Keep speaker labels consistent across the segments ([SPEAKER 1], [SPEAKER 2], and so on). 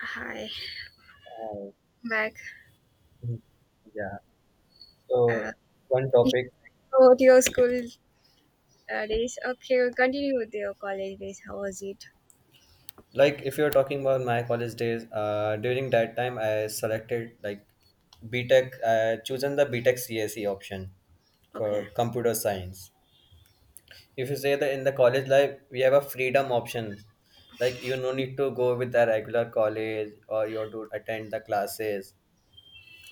[SPEAKER 1] Hi,
[SPEAKER 2] Oh,
[SPEAKER 1] back.
[SPEAKER 2] mm, yeah.
[SPEAKER 1] Uh,
[SPEAKER 2] So one
[SPEAKER 1] you
[SPEAKER 2] topic,
[SPEAKER 1] about your school days. Okay, we'll continue with your college days. How was it?
[SPEAKER 2] like if you're talking about my college days, during that time I selected like BTech, chosen the BTech CSE option for
[SPEAKER 1] Okay,
[SPEAKER 2] computer science. If you say that in the college life, we have a freedom option. Like you no need to go with the regular college or you have to attend the classes.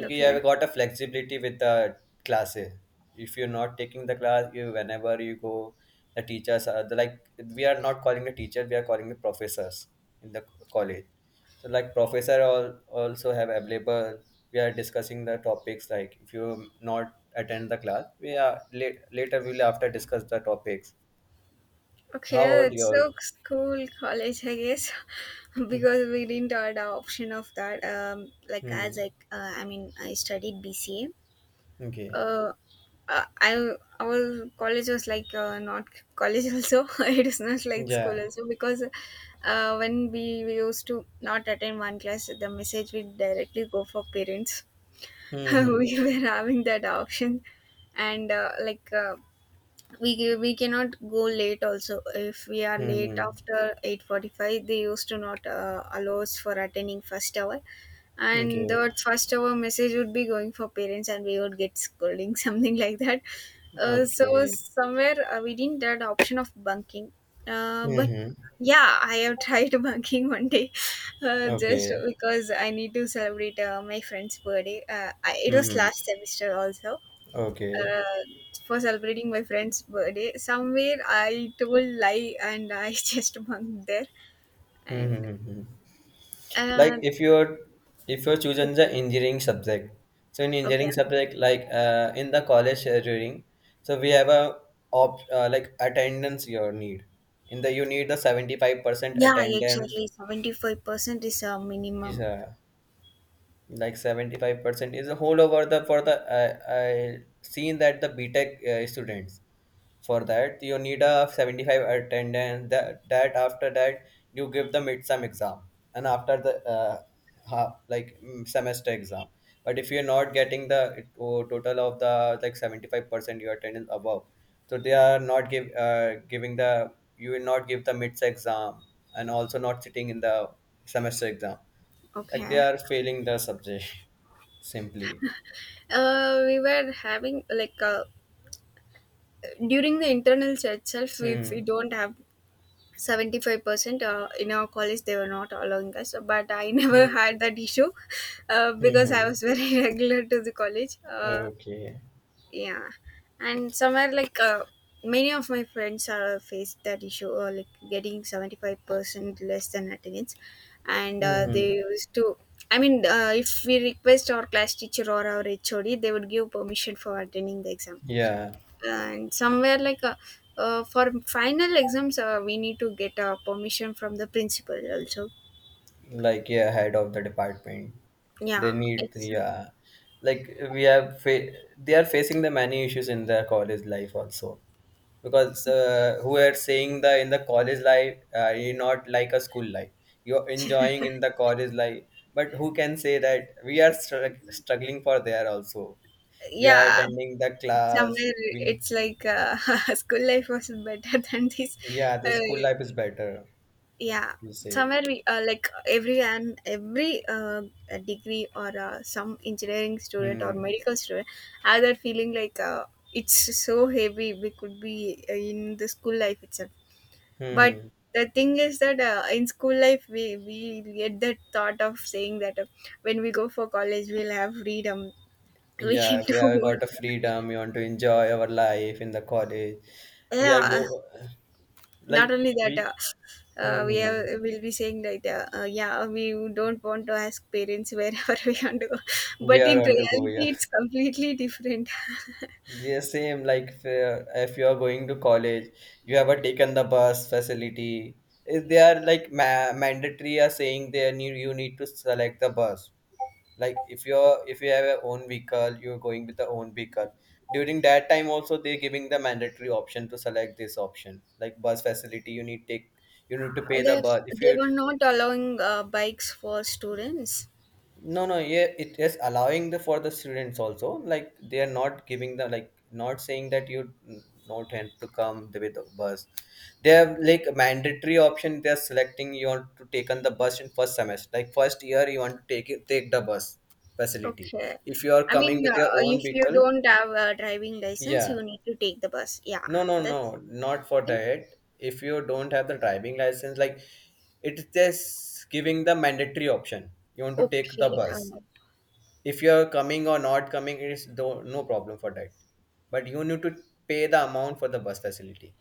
[SPEAKER 2] Okay, you have
[SPEAKER 1] okay,
[SPEAKER 2] got a flexibility with the classes. If you're not taking the class, you whenever you go, the teachers are the, like we are not calling the teacher, we are calling the professors in the co- college. So like professor all also have available. We are discussing the topics like if you not attend the class, we are late, later we'll after discuss the topics. How
[SPEAKER 1] okay.
[SPEAKER 2] about
[SPEAKER 1] It's so
[SPEAKER 2] your
[SPEAKER 1] school, college, I guess, because we didn't have the option of that. Like
[SPEAKER 2] hmm.
[SPEAKER 1] as I mean, I studied BCA,
[SPEAKER 2] Okay.
[SPEAKER 1] uh, I our college was like not college also. It is not like school
[SPEAKER 2] Yeah.
[SPEAKER 1] also because when we used to not attend one class, the message will directly go for parents.
[SPEAKER 2] Mm-hmm.
[SPEAKER 1] We were having that option, and we cannot go late also if we are late
[SPEAKER 2] Mm-hmm.
[SPEAKER 1] after 8:45. They used to not allow us for attending first hour, and the
[SPEAKER 2] Okay.
[SPEAKER 1] first hour message would be going for parents and we would get scolding, something like that. uh, so
[SPEAKER 2] Okay.
[SPEAKER 1] somewhere uh, we didn't had option of bunking, but
[SPEAKER 2] Mm-hmm.
[SPEAKER 1] yeah, I have tried bunking one day, just
[SPEAKER 2] Okay.
[SPEAKER 1] because I need to celebrate my friend's birthday. It was
[SPEAKER 2] Mm-hmm.
[SPEAKER 1] last semester also,
[SPEAKER 2] Okay.
[SPEAKER 1] uh, for celebrating my friend's birthday. Somewhere I told lie and I just bunked there. And
[SPEAKER 2] Mm-hmm. Mm-hmm. Like
[SPEAKER 1] uh,
[SPEAKER 2] if you're
[SPEAKER 1] yeah,
[SPEAKER 2] choosing the engineering subject, so in
[SPEAKER 1] okay,
[SPEAKER 2] engineering subject, like in the college during, so we have a op like attendance your need. In the you need the 75%
[SPEAKER 1] yeah,
[SPEAKER 2] attendance
[SPEAKER 1] exactly. 75% is a
[SPEAKER 2] is
[SPEAKER 1] minimum.
[SPEAKER 2] like 75% is a whole over the for the I seen that the BTech students. For that you need a 75 attendance that after that you give the mid-term exam and after the semester exam but if you're not getting the it- o- total of the like 75% your attendance above so they are not give giving the you will not give the mids exam and also not sitting in the semester exam like they
[SPEAKER 1] Okay.
[SPEAKER 2] are failing the subject simply.
[SPEAKER 1] We were having, during the internal itself. If
[SPEAKER 2] Hmm.
[SPEAKER 1] we don't have 75% in our college, they were not allowing us. But I
[SPEAKER 2] Hmm.
[SPEAKER 1] never had that issue, because I
[SPEAKER 2] Hmm.
[SPEAKER 1] was very regular to the college.
[SPEAKER 2] Okay.
[SPEAKER 1] Yeah. And somewhere, many of my friends faced that issue, like getting 75% less than attendance, and
[SPEAKER 2] Hmm.
[SPEAKER 1] they used to I mean if we request our class teacher or our HOD, they would give permission for attending the exam.
[SPEAKER 2] Yeah,
[SPEAKER 1] And somewhere like uh, uh, for final exams, we need to get permission from the principal also.
[SPEAKER 2] like yeah, head of the department. They
[SPEAKER 1] yeah
[SPEAKER 2] need
[SPEAKER 1] it's
[SPEAKER 2] yeah, like we have fa- they are facing the many issues in their college life also because who are saying the in the college life you not like a school life you're enjoying in the college life but who can say that we are strug- struggling for there also we are
[SPEAKER 1] yeah
[SPEAKER 2] attending the
[SPEAKER 1] somewhere
[SPEAKER 2] class we need,
[SPEAKER 1] it's like, school life was better than this.
[SPEAKER 2] yeah the
[SPEAKER 1] uh,
[SPEAKER 2] school life is better
[SPEAKER 1] yeah
[SPEAKER 2] you say.
[SPEAKER 1] somewhere we uh, like every and every, a degree or some engineering student or
[SPEAKER 2] Hmm,
[SPEAKER 1] medical student have that feeling like, it's so heavy. We could be in the school life itself. But
[SPEAKER 2] hmm.
[SPEAKER 1] the thing is that, in school life we get that thought of saying that, when we go for college we'll have freedom. We can
[SPEAKER 2] Yeah, we
[SPEAKER 1] do
[SPEAKER 2] have got
[SPEAKER 1] what.
[SPEAKER 2] a freedom. We want to enjoy our life in the college. We are
[SPEAKER 1] Yeah,
[SPEAKER 2] go
[SPEAKER 1] not
[SPEAKER 2] like
[SPEAKER 1] only that,
[SPEAKER 2] we
[SPEAKER 1] we
[SPEAKER 2] hmm,
[SPEAKER 1] have, will be saying that, yeah, we don't want to ask parents wherever we want to go,
[SPEAKER 2] we
[SPEAKER 1] but
[SPEAKER 2] are
[SPEAKER 1] in
[SPEAKER 2] on to go. Yeah,
[SPEAKER 1] reality it's completely different.
[SPEAKER 2] yeah. Same like if you are going to college, you have a taken the bus facility. If they are like ma mandatory are saying they need you need to select the bus. Like if you're if you have your own vehicle you're going with the own vehicle during that time also they're giving the mandatory option to select this option like bus facility you need take you need to pay the
[SPEAKER 1] they
[SPEAKER 2] bus if
[SPEAKER 1] they
[SPEAKER 2] you
[SPEAKER 1] were not allowing bikes for students.
[SPEAKER 2] no, no, yeah, it is allowing the for the students also. Like they are not giving the like not saying that you not have to come the- with the bus. They have like a mandatory option. They are selecting you want to take on the bus in first semester. Like first year, you want to take it, take the bus facility.
[SPEAKER 1] Okay,
[SPEAKER 2] If you are
[SPEAKER 1] I mean,
[SPEAKER 2] coming with your own
[SPEAKER 1] if you
[SPEAKER 2] vehicle,
[SPEAKER 1] don't have a driving license, you
[SPEAKER 2] yeah,
[SPEAKER 1] need to take the bus. Yeah,
[SPEAKER 2] no, no,
[SPEAKER 1] that's
[SPEAKER 2] no, not for
[SPEAKER 1] that's
[SPEAKER 2] that. If you don't have the driving license, like it's just giving the mandatory option. You want to take the
[SPEAKER 1] okay uh,
[SPEAKER 2] bus if you're coming or not coming it is do- no problem for that but you need to pay the amount for the bus facility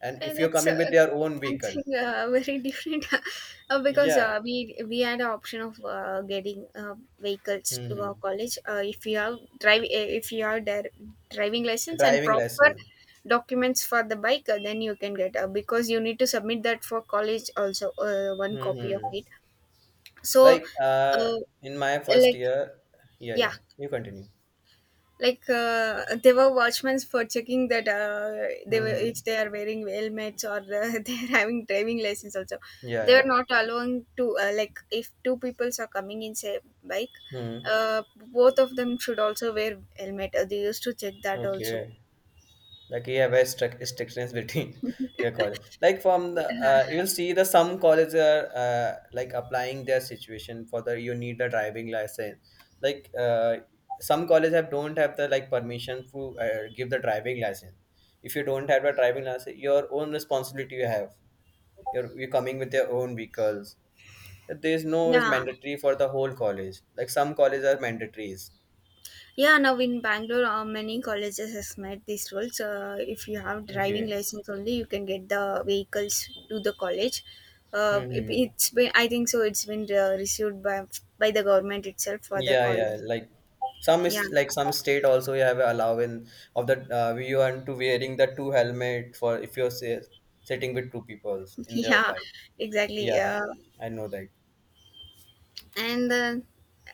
[SPEAKER 2] and
[SPEAKER 1] Eh,
[SPEAKER 2] if you're
[SPEAKER 1] that's uh,
[SPEAKER 2] coming with your own vehicle
[SPEAKER 1] something very different. uh, because
[SPEAKER 2] yeah
[SPEAKER 1] uh, we we had an option of getting vehicles to our
[SPEAKER 2] hmm
[SPEAKER 1] college. If you have drive, if you have their driving license and
[SPEAKER 2] driving
[SPEAKER 1] proper
[SPEAKER 2] lesson
[SPEAKER 1] documents for the bike, then you can get, because you need to submit that for college also, one copy of
[SPEAKER 2] hmm
[SPEAKER 1] it. so
[SPEAKER 2] like
[SPEAKER 1] uh,
[SPEAKER 2] in my first
[SPEAKER 1] like
[SPEAKER 2] year yeah
[SPEAKER 1] yeah
[SPEAKER 2] yeah you continue
[SPEAKER 1] like uh, they were watchmen for checking that, they were
[SPEAKER 2] hmm
[SPEAKER 1] if they are wearing helmets or they are having driving license also.
[SPEAKER 2] yeah
[SPEAKER 1] They were
[SPEAKER 2] yeah
[SPEAKER 1] not allowing to, like if two peoples are coming in say bike,
[SPEAKER 2] hmm
[SPEAKER 1] uh, both of them should also wear helmet. They used to check that also.
[SPEAKER 2] okay like you have a strict strictness between the college like from the
[SPEAKER 1] Yeah,
[SPEAKER 2] you will see the some colleges are like applying their situation for the you need a driving license like some colleges have don't have the like permission to give the driving license if you don't have a driving license your own responsibility you have you're coming with your own vehicles there's no is
[SPEAKER 1] yeah.
[SPEAKER 2] mandatory for the whole college like some colleges are mandatories.
[SPEAKER 1] Yeah, now in Bangalore, many colleges has made these rules. If you have driving
[SPEAKER 2] Okay.
[SPEAKER 1] license only, you can get the vehicles to the college.
[SPEAKER 2] Hmm.
[SPEAKER 1] It's been, I think so. It's been received by the government itself for the
[SPEAKER 2] Yeah, yeah.
[SPEAKER 1] college.
[SPEAKER 2] Like some
[SPEAKER 1] Yeah,
[SPEAKER 2] is like some state also have a allowance of the you want to wearing the two helmet for if you're say, sitting with two people in their
[SPEAKER 1] yeah,
[SPEAKER 2] bike.
[SPEAKER 1] exactly.
[SPEAKER 2] Yeah, I know that.
[SPEAKER 1] And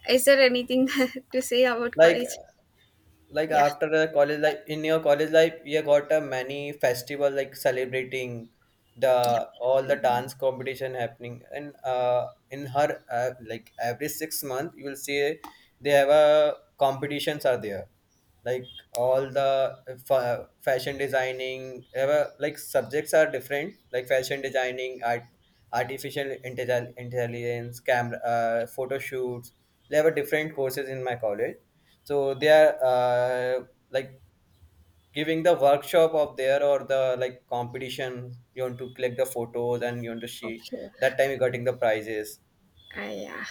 [SPEAKER 1] Is there anything to say about
[SPEAKER 2] Like
[SPEAKER 1] college?
[SPEAKER 2] like
[SPEAKER 1] Yeah,
[SPEAKER 2] after the college life in your college life you got a many festival like celebrating the all
[SPEAKER 1] yeah.
[SPEAKER 2] the dance competition happening and in her like every 6 month you will see they have a competitions are there like all the fa- fashion designing have a, like subjects are different like fashion designing art artificial intelli- intelligence camera photo shoots they have a different courses in my college so they are like giving the workshop of there or the like competition you want to collect the photos and you want to see
[SPEAKER 1] Okay.
[SPEAKER 2] that time you're getting the prizes.
[SPEAKER 1] Yeah.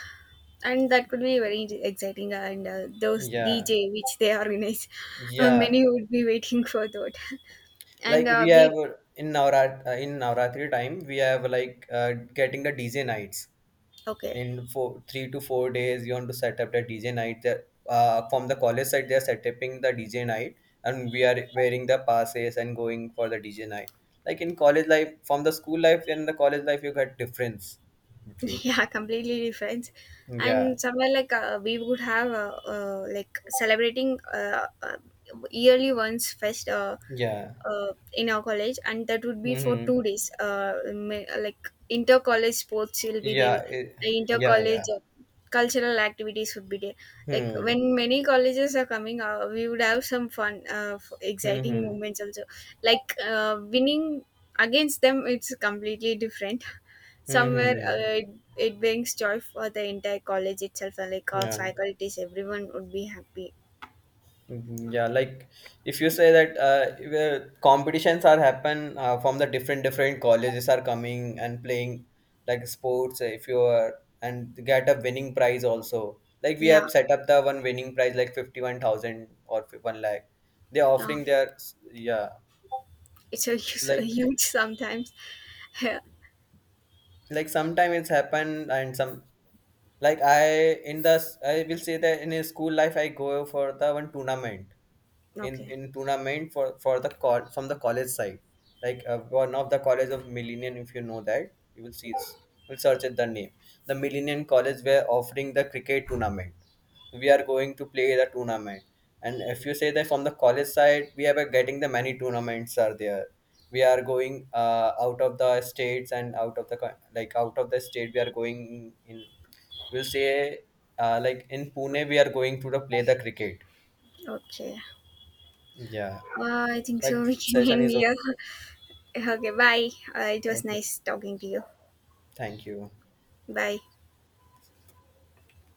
[SPEAKER 1] And that could be very exciting, and those
[SPEAKER 2] Yeah,
[SPEAKER 1] DJ which they organize
[SPEAKER 2] yeah,
[SPEAKER 1] many would be waiting for that.
[SPEAKER 2] like
[SPEAKER 1] and
[SPEAKER 2] we have
[SPEAKER 1] we
[SPEAKER 2] in navratri time we have like getting the dj nights
[SPEAKER 1] okay
[SPEAKER 2] in four, 3 to 4 days you want to set up the dj night. They're- from the college side they're setting the dj night and we are wearing the passes and going for the dj night like in college life from the school life and the college life you get difference between
[SPEAKER 1] Yeah, completely different.
[SPEAKER 2] yeah
[SPEAKER 1] And somewhere like we would have like celebrating yearly once fest,
[SPEAKER 2] yeah
[SPEAKER 1] in our college, and that would be for
[SPEAKER 2] mm-hmm.
[SPEAKER 1] 2 days. Like inter college sports will be there,
[SPEAKER 2] Yeah it,
[SPEAKER 1] inter
[SPEAKER 2] yeah yeah
[SPEAKER 1] college cultural activities would be there. Like
[SPEAKER 2] hmm.
[SPEAKER 1] when many colleges are coming, we would have some fun,
[SPEAKER 2] Hmm
[SPEAKER 1] exciting
[SPEAKER 2] hmm
[SPEAKER 1] moments also. Like winning against them, it's completely different.
[SPEAKER 2] hmm
[SPEAKER 1] somewhere
[SPEAKER 2] hmm
[SPEAKER 1] uh, it, it brings joy for the entire college itself, and like our
[SPEAKER 2] yeah.
[SPEAKER 1] faculties, everyone would be happy.
[SPEAKER 2] Mhm, yeah, like if you say that if, competitions are happen from the different colleges are coming and playing like sports. If you are and get a winning prize also, like we
[SPEAKER 1] Yeah,
[SPEAKER 2] have set up the one winning prize like 51,000 or fif- one lakh. They are
[SPEAKER 1] yeah,
[SPEAKER 2] offering their s- yeah
[SPEAKER 1] it's a, it's a
[SPEAKER 2] like
[SPEAKER 1] huge sometimes.
[SPEAKER 2] like sometime it's happened and some like I in the s- I will say that in a school life I go for the one tournament
[SPEAKER 1] Okay.
[SPEAKER 2] in tournament for the call from the college side like one of the college of millennium if you know that you will see it's you will search at the name the millennium college were offering the cricket tournament we are going to play the tournament and if you say that from the college side we are getting the many tournaments are there we are going out of the states and out of the co- like out of the state we are going in we'll say like in Pune we are going to the play the cricket
[SPEAKER 1] Okay.
[SPEAKER 2] yeah
[SPEAKER 1] I think so.
[SPEAKER 2] like
[SPEAKER 1] We can
[SPEAKER 2] session
[SPEAKER 1] end
[SPEAKER 2] is over.
[SPEAKER 1] here. Okay. Bye. It was
[SPEAKER 2] Okay.
[SPEAKER 1] nice talking to you.
[SPEAKER 2] Thank you.
[SPEAKER 1] Bye.